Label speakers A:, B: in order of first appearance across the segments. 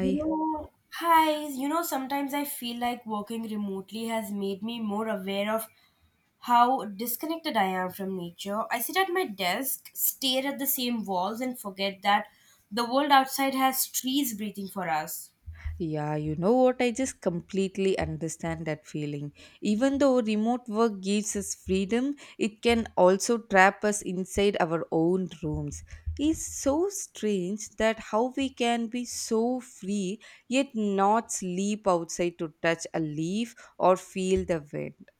A: You know, hi, you know, sometimes I feel like working remotely has made me more aware of how disconnected I am from nature. I sit at my desk, stare at the same walls, and forget that the world outside has trees breathing for us.
B: Yeah, you know what? I just completely understand that feeling. Even though remote work gives us freedom, it can also trap us inside our own rooms. It's so strange that how we can be so free yet not sleep outside to touch a leaf or feel the wind.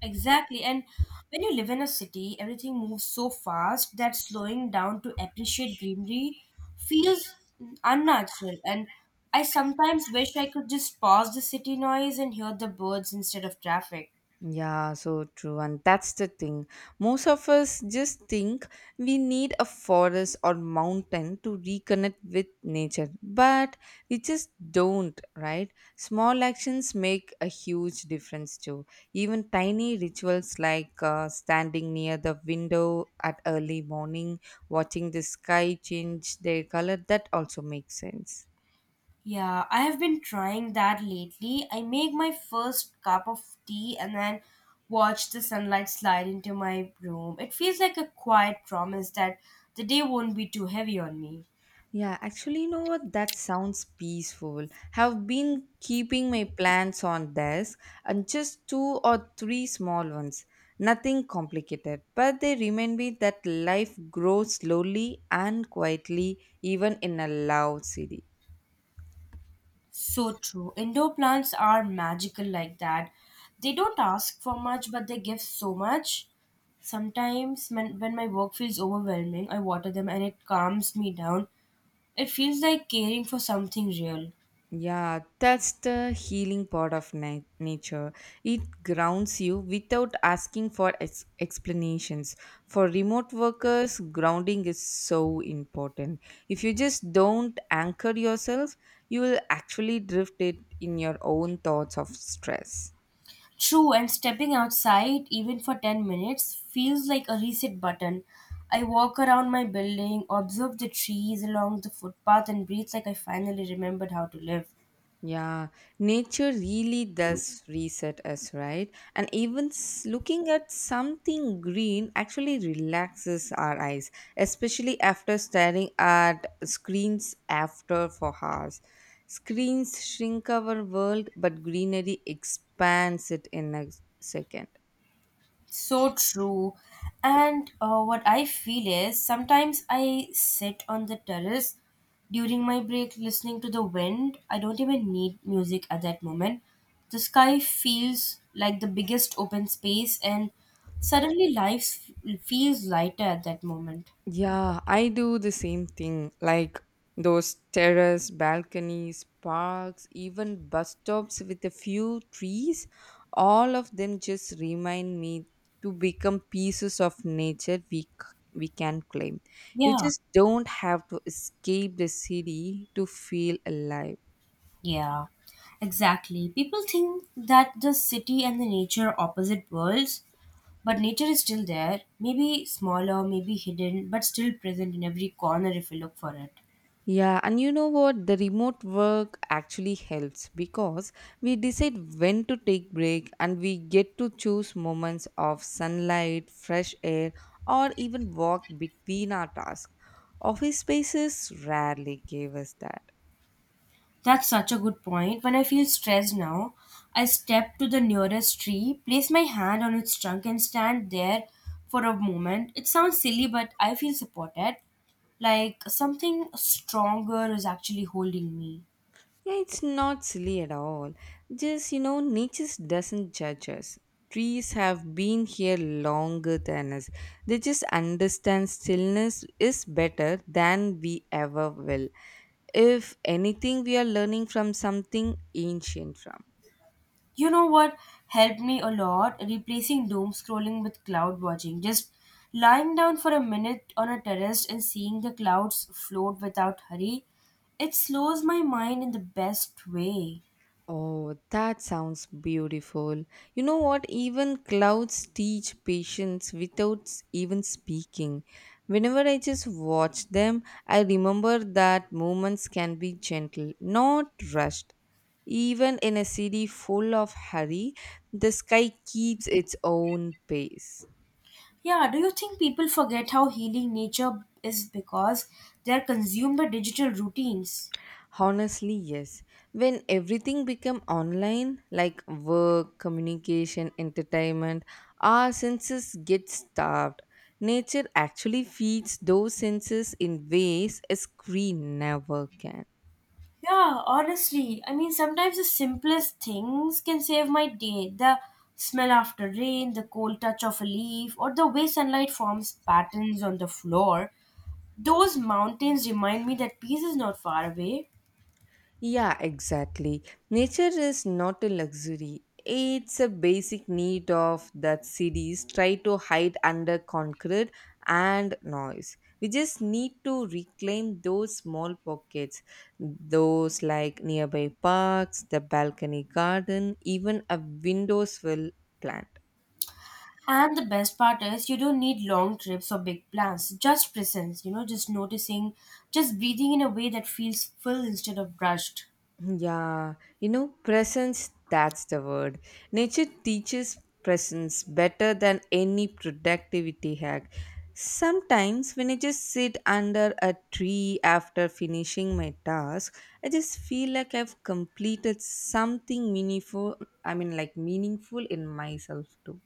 A: Exactly. And when you live in a city, everything moves so fast that slowing down to appreciate greenery feels unnatural. And I sometimes wish I could just pause the city noise and hear the birds instead of traffic.
B: Yeah, so true. And that's the thing. Most of us just think we need a forest or mountain to reconnect with nature, but we just don't, right? Small actions make a huge difference too. Even tiny rituals like standing near the window at early morning, watching the sky change their color, that also makes sense.
A: Yeah, I have been trying that lately. I make my first cup of tea and then watch the sunlight slide into my room. It feels like a quiet promise that the day won't be too heavy on me.
B: Yeah, actually, you know what? That sounds peaceful. Have been keeping my plants on desk and just two or three small ones. Nothing complicated, but they remind me that life grows slowly and quietly, even in a loud city.
A: So true. Indoor plants are magical like that. They don't ask for much, but they give so much. Sometimes when my work feels overwhelming, I water them and it calms me down. It feels like caring for something real.
B: Yeah, that's the healing part of nature. It grounds you without asking for explanations. For remote workers, grounding is so important. If you just don't anchor yourself, you will actually drift it in your own thoughts of stress.
A: True, and stepping outside, even for 10 minutes, feels like a reset button. I walk around my building, observe the trees along the footpath, and breathe like I finally remembered how to live.
B: Yeah, nature really does reset us, right? And even looking at something green actually relaxes our eyes, especially after staring at screens after for hours. Screens shrink our world, but greenery expands it in a second.
A: So true. And what I feel is sometimes I sit on the terrace during my break listening to the wind. I don't even need music at that moment. The sky feels like the biggest open space, and suddenly life feels lighter at that moment.
B: Yeah, I do the same thing. Like those terrace, balconies, parks, even bus stops with a few trees, all of them just remind me to become pieces of nature we can claim. You
A: Yeah,
B: just don't have to escape the city to feel alive.
A: yeah, exactly. People think that the city and the nature are opposite worlds, but nature is still there, maybe smaller, maybe hidden, but still present in every corner if you look for it.
B: Yeah, and you know what? The remote work actually helps because we decide when to take break and we get to choose moments of sunlight, fresh air, or even walk between our tasks. Office spaces rarely gave us that.
A: That's such a good point. When I feel stressed now, I step to the nearest tree, place my hand on its trunk, and stand there for a moment. It sounds silly, but I feel supported, like something stronger is actually holding me.
B: Yeah, it's not silly at all. Just, you know, nature doesn't judge us. Trees have been here longer than us. They just understand stillness is better than we ever will. If anything, we are learning from something ancient from.
A: You know what helped me a lot? Replacing doom scrolling with cloud watching. Just lying down for a minute on a terrace and seeing the clouds float without hurry. It slows my mind in the best way.
B: Oh, that sounds beautiful. You know what? Even clouds teach patience without even speaking. Whenever I just watch them, I remember that moments can be gentle, not rushed. Even in a city full of hurry, the sky keeps its own pace.
A: Yeah, do you think people forget how healing nature is because they're consumed by digital routines?
B: Honestly, yes. When everything became online, like work, communication, entertainment, our senses get starved. Nature actually feeds those senses in ways a screen never can.
A: Yeah, honestly, I mean, sometimes the simplest things can save my day. The smell after rain, the cold touch of a leaf, or the way sunlight forms patterns on the floor. Those mountains remind me that peace is not far away.
B: Yeah, exactly. Nature is not a luxury. It's a basic need of that cities try to hide under concrete and noise. We just need to reclaim those small pockets, those like nearby parks, the balcony garden, even a windowsill plant.
A: And the best part is, you don't need long trips or big plans, just presence, just noticing, just breathing in a way that feels full instead of rushed.
B: Yeah, you know, presence, that's the word. Nature teaches presence better than any productivity hack. Sometimes, when I just sit under a tree after finishing my task, I just feel like I've completed something meaningful. I mean, like meaningful in myself too.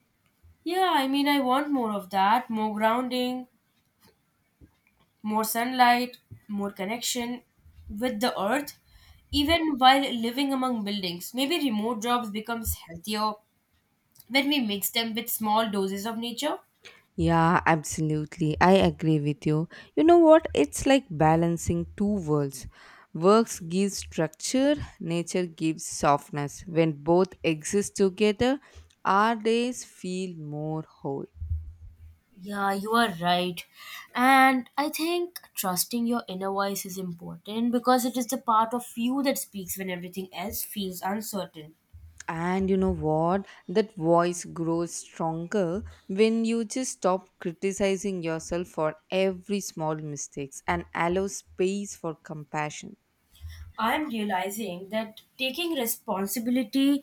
A: Yeah, I mean, I want more of that, more grounding, more sunlight, more connection with the earth, even while living among buildings. Maybe remote jobs becomes healthier when we mix them with small doses of nature.
B: Yeah, absolutely. I agree with you. You know what? It's like balancing two worlds. Works gives structure, nature gives softness. When both exist together, our days feel more whole.
A: Yeah, you are right. And I think trusting your inner voice is important because it is the part of you that speaks when everything else feels uncertain.
B: And you know what? That voice grows stronger when you just stop criticizing yourself for every small mistakes and allow space for compassion.
A: I'm realizing that taking responsibility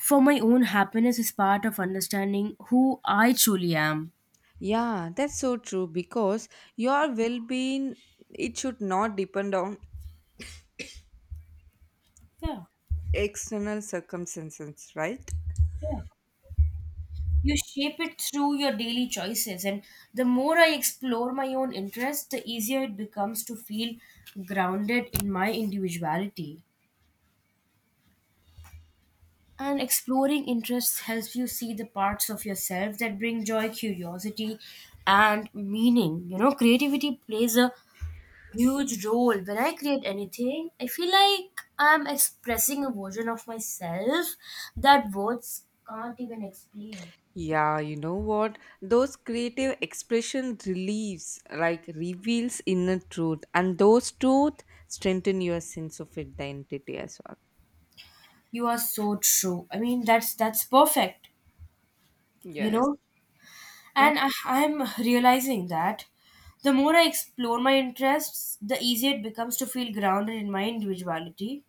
A: for my own happiness is part of understanding who I truly am.
B: Yeah, that's so true because your well being it should not depend on
A: Yeah.
B: external circumstances, right?
A: Yeah. You shape it through your daily choices. And the more I explore my own interests, the easier it becomes to feel grounded in my individuality. And exploring interests helps you see the parts of yourself that bring joy, curiosity, and meaning. Creativity plays a huge role. When I create anything, I feel like I'm expressing a version of myself that words can't even explain.
B: Yeah, you know what? Those creative expression relieves, like reveals inner truth, and those truth strengthen your sense of identity as well.
A: You are so true. I mean, that's perfect, you
B: Yes.
A: know. And I'm realizing that the more I explore my interests, the easier it becomes to feel grounded in my individuality.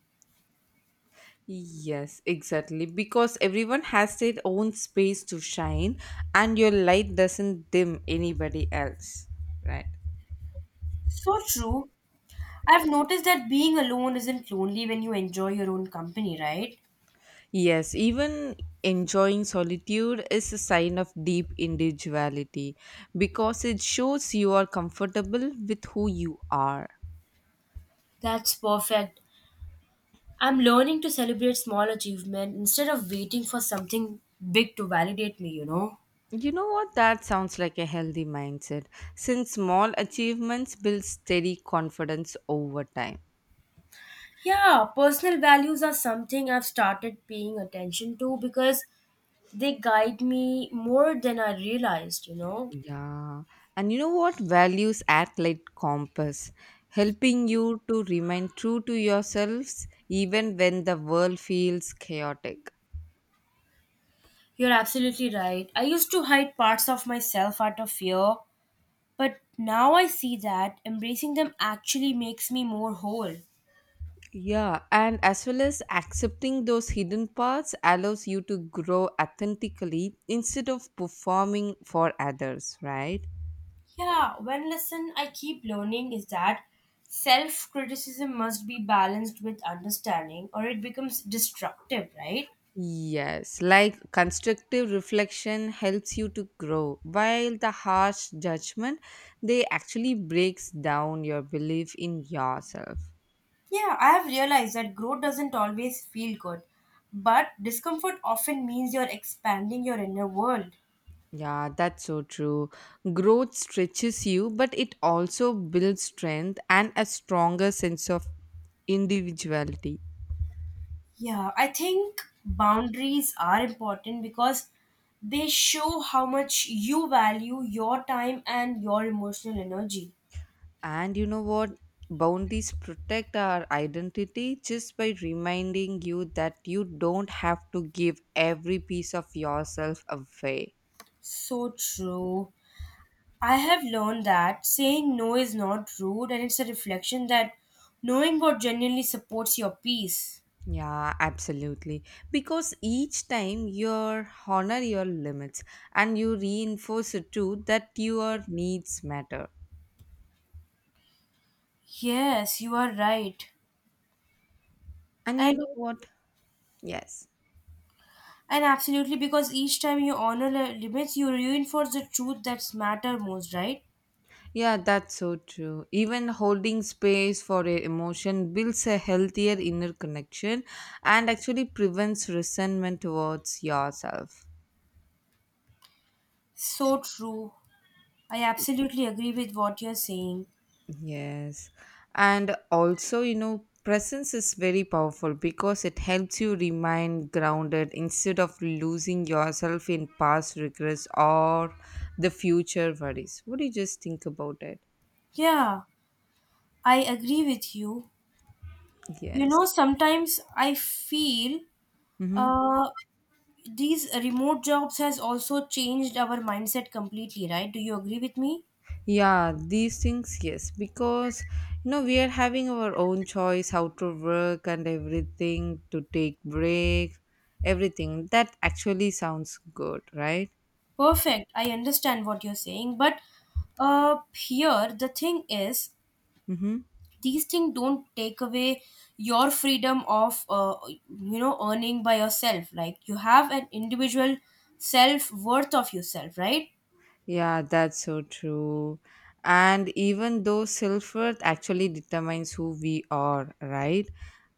B: Yes, exactly. Because everyone has their own space to shine, and your light doesn't dim anybody else, right?
A: So true. I've noticed that being alone isn't lonely when you enjoy your own company, right?
B: Yes, even enjoying solitude is a sign of deep individuality because it shows you are comfortable with who you are.
A: That's perfect. I'm learning to celebrate small achievement instead of waiting for something big to validate me.
B: You know what? That sounds like a healthy mindset since small achievements build steady confidence over time.
A: Yeah, personal values are something I've started paying attention to because they guide me more than I realized, you know.
B: Yeah. And you know what? Values act like compass, helping you to remain true to yourselves even when the world feels chaotic.
A: You're absolutely right. I used to hide parts of myself out of fear, but now I see that embracing them actually makes me more whole.
B: Yeah, and as well as accepting those hidden parts allows you to grow authentically instead of performing for others, right?
A: Yeah, one lesson I keep learning is that self criticism must be balanced with understanding or it becomes destructive, right?
B: Yes, like constructive reflection helps you to grow, while the harsh judgment they actually breaks down your belief in yourself.
A: Yeah, I have realized that growth doesn't always feel good, but discomfort often means you're expanding your inner world.
B: Yeah, that's so true. Growth stretches you, but it also builds strength and a stronger sense of individuality.
A: Yeah, I think boundaries are important because they show how much you value your time and your emotional energy.
B: And you know what? Boundaries protect our identity just by reminding you that you don't have to give every piece of yourself away.
A: So true. I have learned that saying no is not rude and it's a reflection that knowing what genuinely supports your peace.
B: Yeah, absolutely. Because each time you honor your limits and you reinforce it too that your needs matter.
A: Yes, you are right.
B: And you
A: And
B: know what? Yes.
A: and absolutely because each time you honor the limits, you reinforce the truth that's matter most, right?
B: Yeah, that's so true. Even holding space for a emotion builds a healthier inner connection and actually prevents resentment towards yourself.
A: So true. I absolutely agree with what you're saying.
B: Yes. And also, you know, presence is very powerful because it helps you remain grounded instead of losing yourself in past regrets or the future worries. What do you just think about it?
A: Yeah, I agree with you.
B: Yes.
A: Sometimes I feel
B: Mm-hmm.
A: uh, these remote jobs has also changed our mindset completely, right? Do you agree with me?
B: Yeah, these things, yes, because you know we are having our own choice how to work and everything to take breaks, everything. That actually sounds good, right?
A: Perfect. I understand what you're saying, but here the thing is,
B: Mm-hmm.
A: these things don't take away your freedom of earning by yourself. Like you have an individual self worth of yourself, right?
B: Yeah, that's so true. And even though self worth actually determines who we are, right?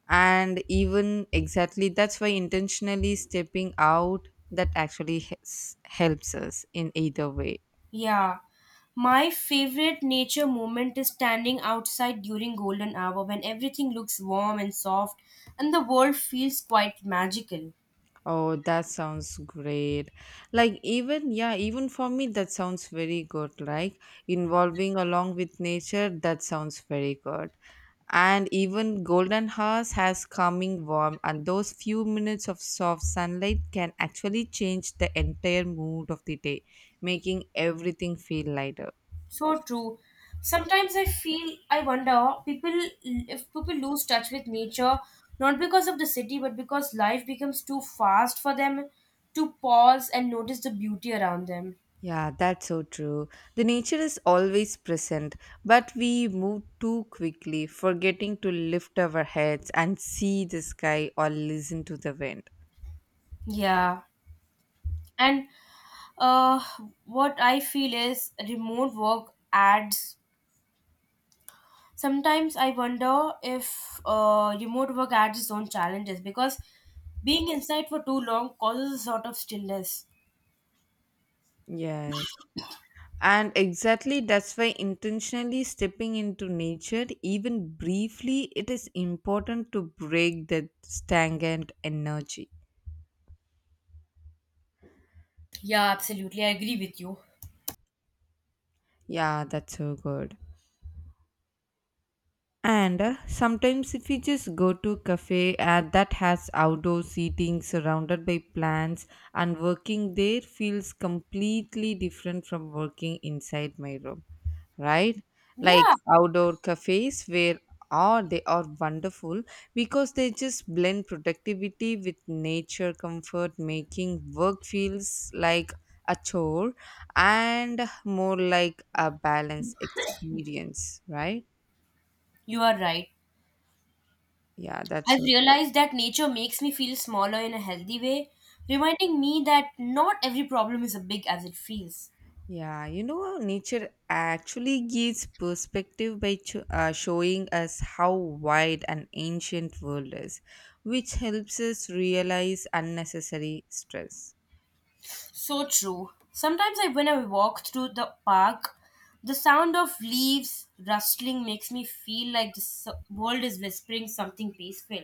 B: And even exactly that's why intentionally stepping out that actually helps us in either way.
A: Yeah. My favorite nature moment is standing outside during golden hour when everything looks warm and soft and the world feels quite magical.
B: Oh, that sounds great. Like even yeah, even for me that sounds very good. Like involving along with nature, that sounds very good. And even golden hours has coming warm and those few minutes of soft sunlight can actually change the entire mood of the day, making everything feel lighter.
A: So true. Sometimes I wonder people if people lose touch with nature not because of the city but because life becomes too fast for them to pause and notice the beauty around them.
B: Yeah, that's so true. The nature is always present, but we move too quickly, forgetting to lift our heads and see the sky or listen to the wind.
A: Yeah. And uh, what I feel is remote work adds Sometimes I wonder if remote work adds its own challenges because being inside for too long causes a sort of stillness.
B: Yes. And exactly that's why intentionally stepping into nature, even briefly, it is important to break that stagnant energy.
A: Yeah, absolutely. I agree with you.
B: Yeah, that's so good. And sometimes if we just go to cafe that has outdoor seating surrounded by plants and working there feels completely different from working inside my room, right? Like
A: Yeah,
B: outdoor cafes where are they are wonderful because they just blend productivity with nature comfort, making work feels like a chore and more like a balanced experience, right?
A: you are right.
B: Yeah, that's
A: I've
B: all.
A: realized that nature makes me feel smaller in a healthy way, reminding me that not every problem is as big as it feels.
B: Yeah, you know, nature actually gives perspective by showing us how wide an ancient world is, which helps us realize unnecessary stress.
A: So true. Sometimes when I walk through the park, the sound of leaves rustling makes me feel like the world is whispering something peaceful.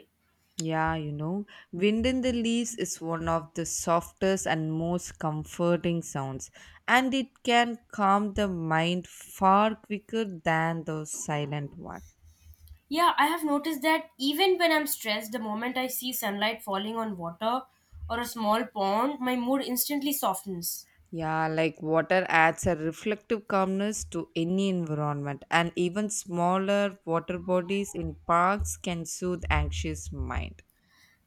B: Yeah, you know, wind in the leaves is one of the softest and most comforting sounds, and it can calm the mind far quicker than those silent ones.
A: Yeah, I have noticed that even when I'm stressed, the moment I see sunlight falling on water or a small pond, my mood instantly softens.
B: Yeah, like water adds a reflective calmness to any environment, and even smaller water bodies in parks can soothe anxious mind.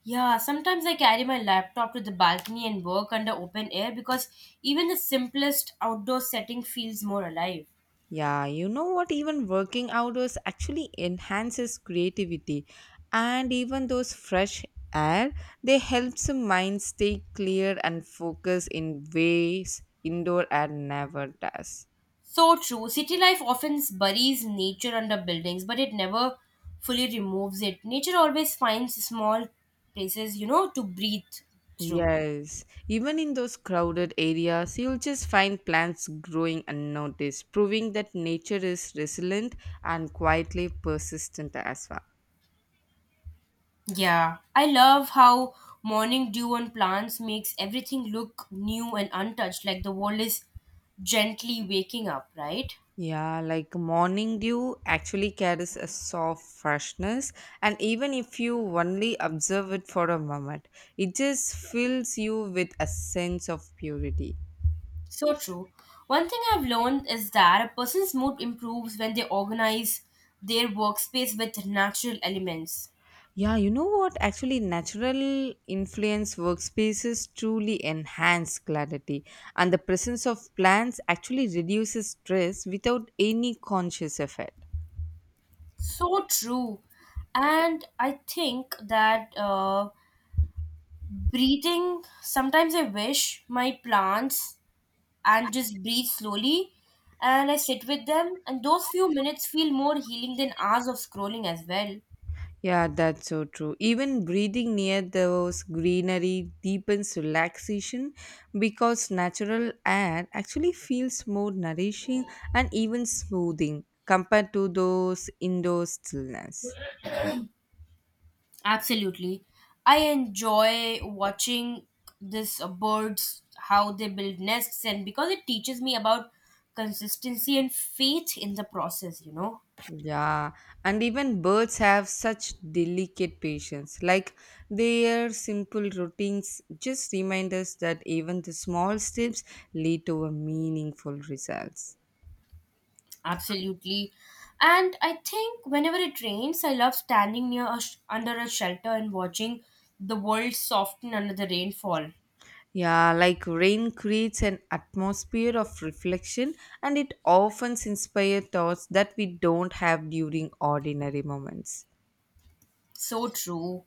A: Yeah, sometimes I carry my laptop to the balcony and work under open air because even the simplest outdoor setting feels more alive.
B: Yeah, you know what? Even working outdoors actually enhances creativity, and even those fresh air they helps the mind stay clear and focus in ways indoor air never does.
A: So true. City life often buries nature under buildings, but it never fully removes it. Nature always finds small places, to breathe through.
B: Yes, even in those crowded areas, you'll just find plants growing unnoticed, proving that nature is resilient and quietly persistent as well.
A: Yeah, I love how morning dew on plants makes everything look new and untouched, like the world is gently waking up, right?
B: Yeah, like morning dew actually carries a soft freshness, and even if you only observe it for a moment, it just fills you with a sense of purity.
A: So true. One thing I've learned is that a person's mood improves when they organize their workspace with natural elements.
B: Yeah, you know what? Actually, natural influence workspaces truly enhance clarity, and the presence of plants actually reduces stress without any conscious effort.
A: So true. And I think that breathing, sometimes I wish my plants and just breathe slowly. And I sit with them, and those few minutes feel more healing than hours of scrolling as well.
B: Yeah, that's so true. Even breathing near those greenery deepens relaxation because natural air actually feels more nourishing and even smoothing compared to those indoor stillness.
A: Absolutely. I enjoy watching this birds how they build nests and because it teaches me about consistency and faith in the process.
B: Yeah, and even birds have such delicate patience. Like their simple routines just remind us that even the small steps lead to a meaningful results.
A: Absolutely. And I think whenever it rains, I love standing under a shelter and watching the world soften under the rainfall.
B: Yeah, like rain creates an atmosphere of reflection and it often inspires thoughts that we don't have during ordinary moments.
A: So true.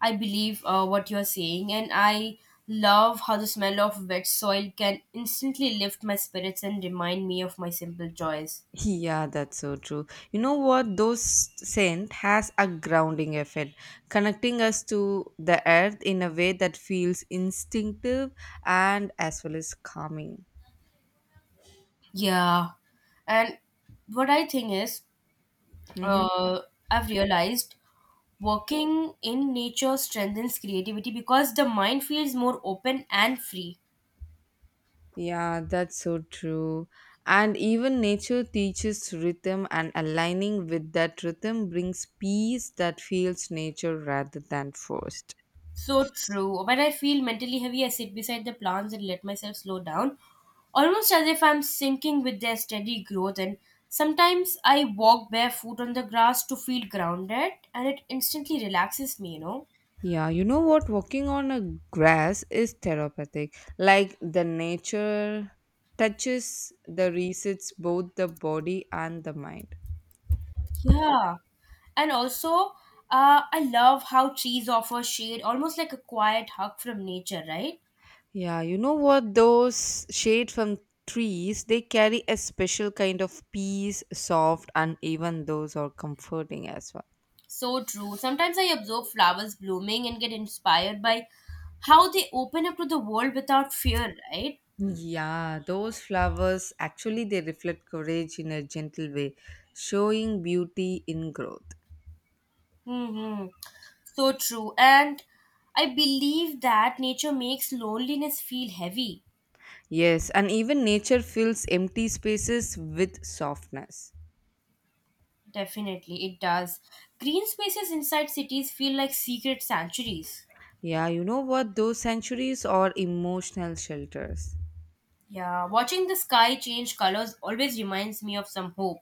A: I believe what you're saying, and I love how the smell of wet soil can instantly lift my spirits and remind me of my simple joys.
B: Yeah, that's so true. You know what? Those scent has a grounding effect, connecting us to the earth in a way that feels instinctive and as well as calming.
A: Yeah. And what I think is,
B: hmm
A: uh, I've realized working in nature strengthens creativity because the mind feels more open and free.
B: Yeah, that's so true. And even nature teaches rhythm, and aligning with that rhythm brings peace that feels nature rather than forced.
A: So true. When I feel mentally heavy, I sit beside the plants and let myself slow down, almost as if I'm sinking with their steady growth. And sometimes I walk barefoot on the grass to feel grounded, and it instantly relaxes me, you know?
B: Yeah, you know what? Walking on a grass is therapeutic. Like the nature touches the resets both the body and the mind.
A: Yeah. And also, I love how trees offer shade, almost like a quiet hug from nature, right?
B: Yeah, you know what? Those shade from trees, they carry a special kind of peace, soft, and even those are comforting as well.
A: So true. Sometimes I observe flowers blooming and get inspired by how they open up to the world without fear, right?
B: Yeah, those flowers actually they reflect courage in a gentle way, showing beauty in growth.
A: Hmm. So true. And I believe that nature makes loneliness feel heavy.
B: Yes, and even nature fills empty spaces with softness.
A: Definitely, it does. Green spaces inside cities feel like secret sanctuaries.
B: Yeah, you know what? Those sanctuaries are emotional shelters.
A: Yeah, watching the sky change colors always reminds me of some hope.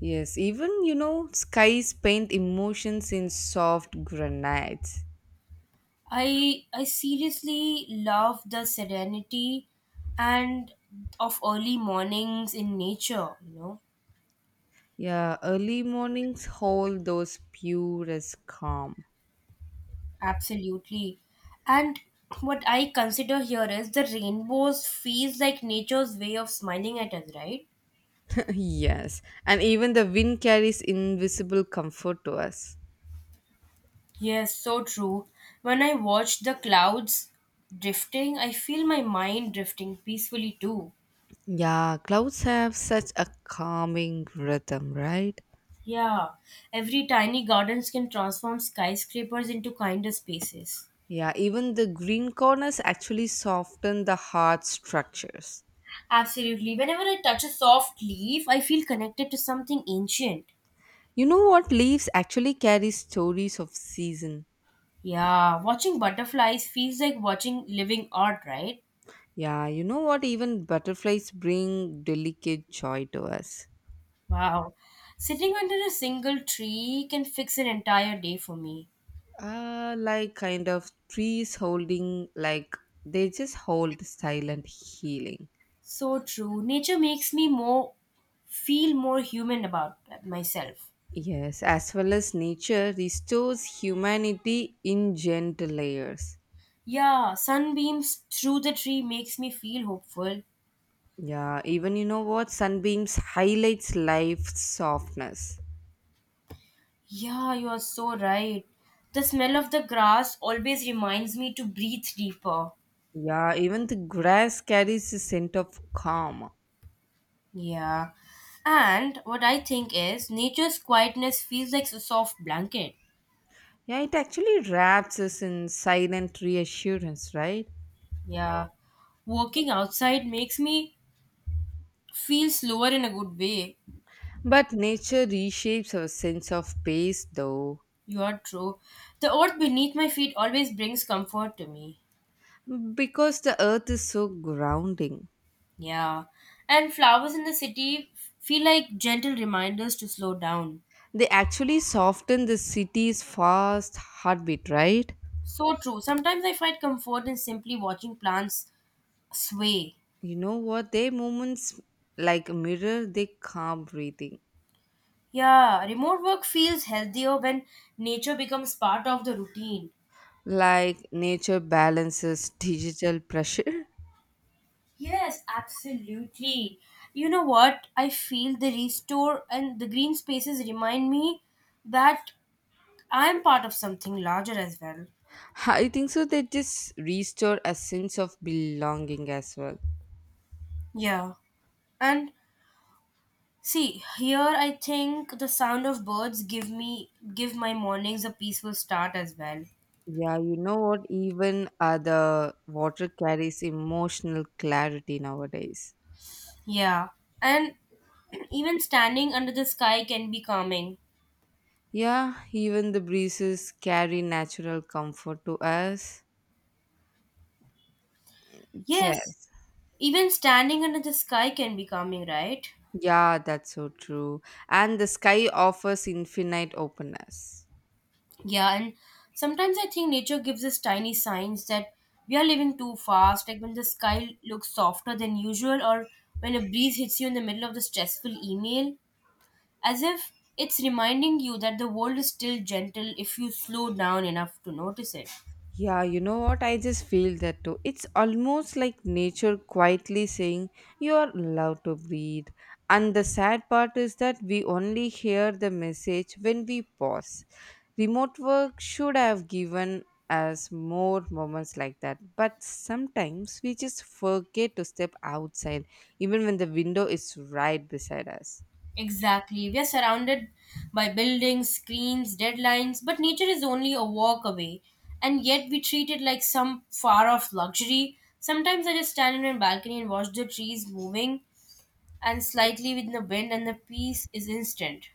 B: Yes, even you know, skies paint emotions in soft granites.
A: I seriously love the serenity and of early mornings in nature.
B: Yeah, early mornings hold those purest calm.
A: Absolutely. And what I consider here is the rainbows feels like nature's way of smiling at us, right?
B: Yes, and even the wind carries invisible comfort to us.
A: Yes, so true. When I watch the clouds drifting, I feel my mind drifting peacefully too.
B: Yeah, clouds have such a calming rhythm, right?
A: Yeah, every tiny gardens can transform skyscrapers into kinder spaces.
B: Yeah, even the green corners actually soften the hard structures.
A: Absolutely. Whenever I touch a soft leaf, I feel connected to something ancient.
B: You know what? Leaves actually carry stories of season.
A: Yeah, watching butterflies feels like watching living art, right?
B: Yeah, you know what? Even butterflies bring delicate joy to us.
A: Wow. Sitting under a single tree can fix an entire day for me.
B: Like kind of trees holding, like they just hold silent healing.
A: So true. Nature makes me more feel more human about myself.
B: Yes, as well as nature restores humanity in gentle layers.
A: Yeah, sunbeams through the tree makes me feel hopeful.
B: Yeah, even you know what? Sunbeams highlights life's softness.
A: Yeah, you are so right. The smell of the grass always reminds me to breathe deeper.
B: Yeah, even the grass carries a scent of calm.
A: Yeah. And what I think is nature's quietness feels like a soft blanket.
B: Yeah, it actually wraps us in silent reassurance, right?
A: Yeah. Working outside makes me feel slower in a good way.
B: But nature reshapes our sense of pace, though,
A: You are true. The earth beneath my feet always brings comfort to me.
B: because the earth is so grounding.
A: Yeah. And flowers in the city feel like gentle reminders to slow down.
B: They actually soften the city's fast heartbeat, right?
A: So true. Sometimes I find comfort in simply watching plants sway.
B: You know what? Their movements, like mirror, they calm breathing.
A: Yeah, remote work feels healthier when nature becomes part of the routine.
B: Like nature balances digital pressure.
A: Yes, absolutely. You know what? I feel the restore and the green spaces remind me that I'm part of something larger as well.
B: I think so. They just restore a sense of belonging as well.
A: Yeah. And see, here I think the sound of birds give my mornings a peaceful start as well.
B: Yeah, you know what? Even the water carries emotional clarity nowadays.
A: Yeah. And even standing under the sky can be calming.
B: Yeah, even the breezes carry natural comfort to us.
A: Yes.
B: Yes.
A: Even standing under the sky can be calming, right?
B: Yeah, that's so true. And the sky offers infinite openness.
A: Yeah, and sometimes I think nature gives us tiny signs that we are living too fast, like when the sky looks softer than usual or when a breeze hits you in the middle of the stressful email, as if it's reminding you that the world is still gentle if you slow down enough to notice it.
B: Yeah, you know what? I just feel that too. It's almost like nature quietly saying, "You are allowed to breathe." And the sad part is that we only hear the message when we pause. Remote work should have given us more moments like that. But sometimes we just forget to step outside, even when the window is right beside us.
A: Exactly. We are surrounded by buildings, screens, deadlines, but nature is only a walk away. And yet we treat it like some far off luxury. Sometimes I just stand on my balcony and watch the trees moving and slightly with the wind, and the peace is instant.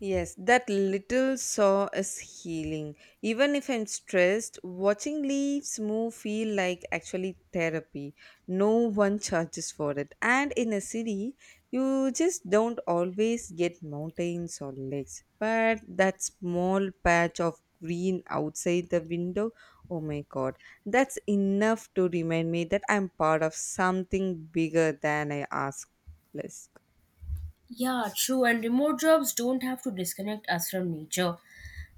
B: Yes, that little saw is healing. Even if I'm stressed, watching leaves move feel like actually therapy. No one charges for it. And in a city, you just don't always get mountains or lakes. But that small patch of green outside the window, oh my god, that's enough to remind me that I'm part of something bigger than I ask. Less.
A: Yeah, true. And remote jobs don't have to disconnect us from nature.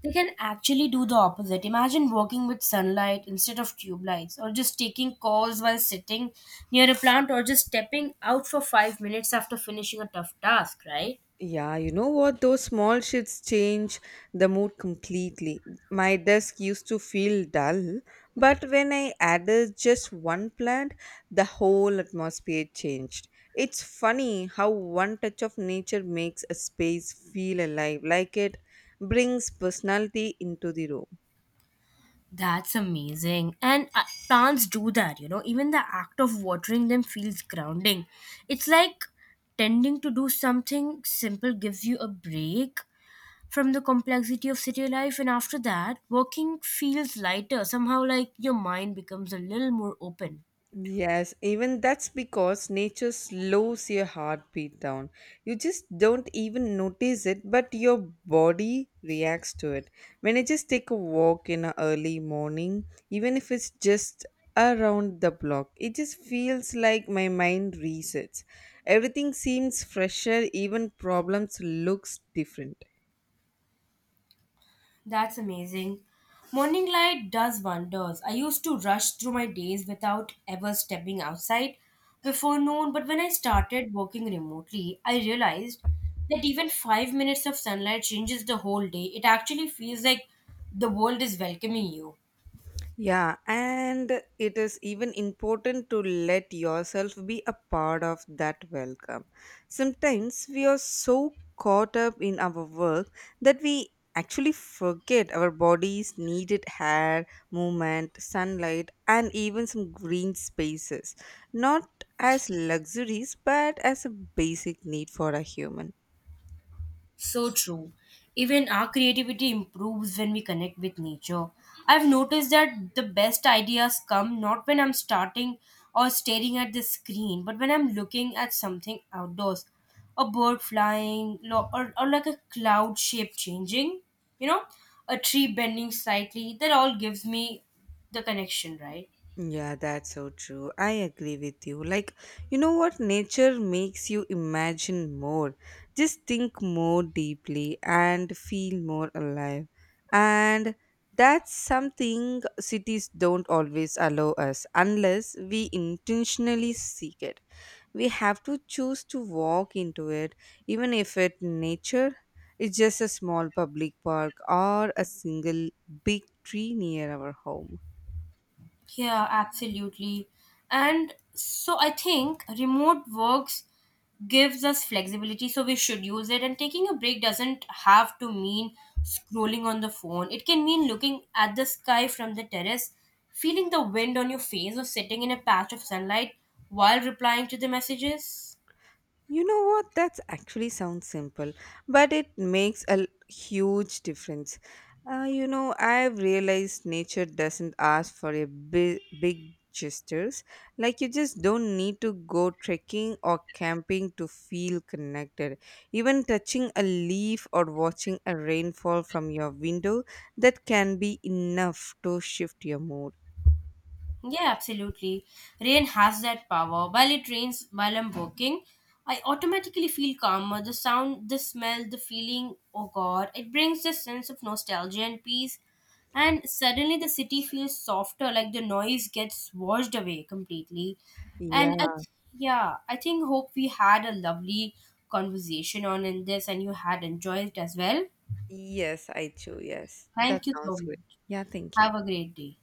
A: They can actually do the opposite. Imagine working with sunlight instead of tube lights, or just taking calls while sitting near a plant, or just stepping out for 5 minutes after finishing a tough task, right?
B: Yeah, you know what? Those small shifts change the mood completely. My desk used to feel dull, but when I added just one plant, the whole atmosphere changed. It's funny how one touch of nature makes a space feel alive, like it brings personality into the room.
A: That's amazing. And plants do that, you know. Even the act of watering them feels grounding. It's like tending to do something simple gives you a break from the complexity of city life, and after that working feels lighter somehow, like your mind becomes a little more open.
B: Yes, even that's because nature slows your heartbeat down. You just don't even notice it, but your body reacts to it. When I just take a walk in the early morning, even if it's just around the block, it just feels like my mind resets. Everything seems fresher, even problems looks different.
A: That's amazing. Morning light does wonders. I used to rush through my days without ever stepping outside before noon, but when I started working remotely, I realized that even 5 minutes of sunlight changes the whole day. It actually feels like the world is welcoming you.
B: Yeah, and it is even important to let yourself be a part of that welcome. Sometimes we are so caught up in our work that we actually forget our bodies needed air, movement, sunlight, and even some green spaces. Not as luxuries, but as a basic need for a human.
A: So true. Even our creativity improves when we connect with nature. I've noticed that the best ideas come not when I'm starting or staring at the screen, but when I'm looking at something outdoors. A bird flying, or like a cloud shape changing, you know, a tree bending slightly. That all gives me the connection, right?
B: Yeah, that's so true. I agree with you. Like, you know what? Nature makes you imagine more, just think more deeply and feel more alive. And that's something cities don't always allow us unless we intentionally seek it. We have to choose to walk into it, even if it nature is just a small public park or a single big tree near our home.
A: Yeah, absolutely. And so I think remote works gives us flexibility, so we should use it. And taking a break doesn't have to mean scrolling on the phone, it can mean looking at the sky from the terrace, feeling the wind on your face, or sitting in a patch of sunlight while replying to the messages.
B: You know what? That's actually sounds simple, but it makes a huge difference. I've realized nature doesn't ask for a big, big gestures. Like you just don't need to go trekking or camping to feel connected. Even touching a leaf or watching a rainfall from your window, that can be enough to shift your mood.
A: Yeah, absolutely. Rain has that power. While it rains, while I'm working, I automatically feel calmer. The sound, the smell, the feeling, oh god, it brings a sense of nostalgia and peace. And suddenly the city feels softer, like the noise gets washed away completely. And
B: Yeah.
A: yeah, I think hope we had a lovely conversation on in this and you had enjoyed it as well.
B: Yes, I too. Yes, that
A: Thank you so
B: sounds good.
A: much.
B: Yeah. Thank
A: Have
B: you.
A: a great day.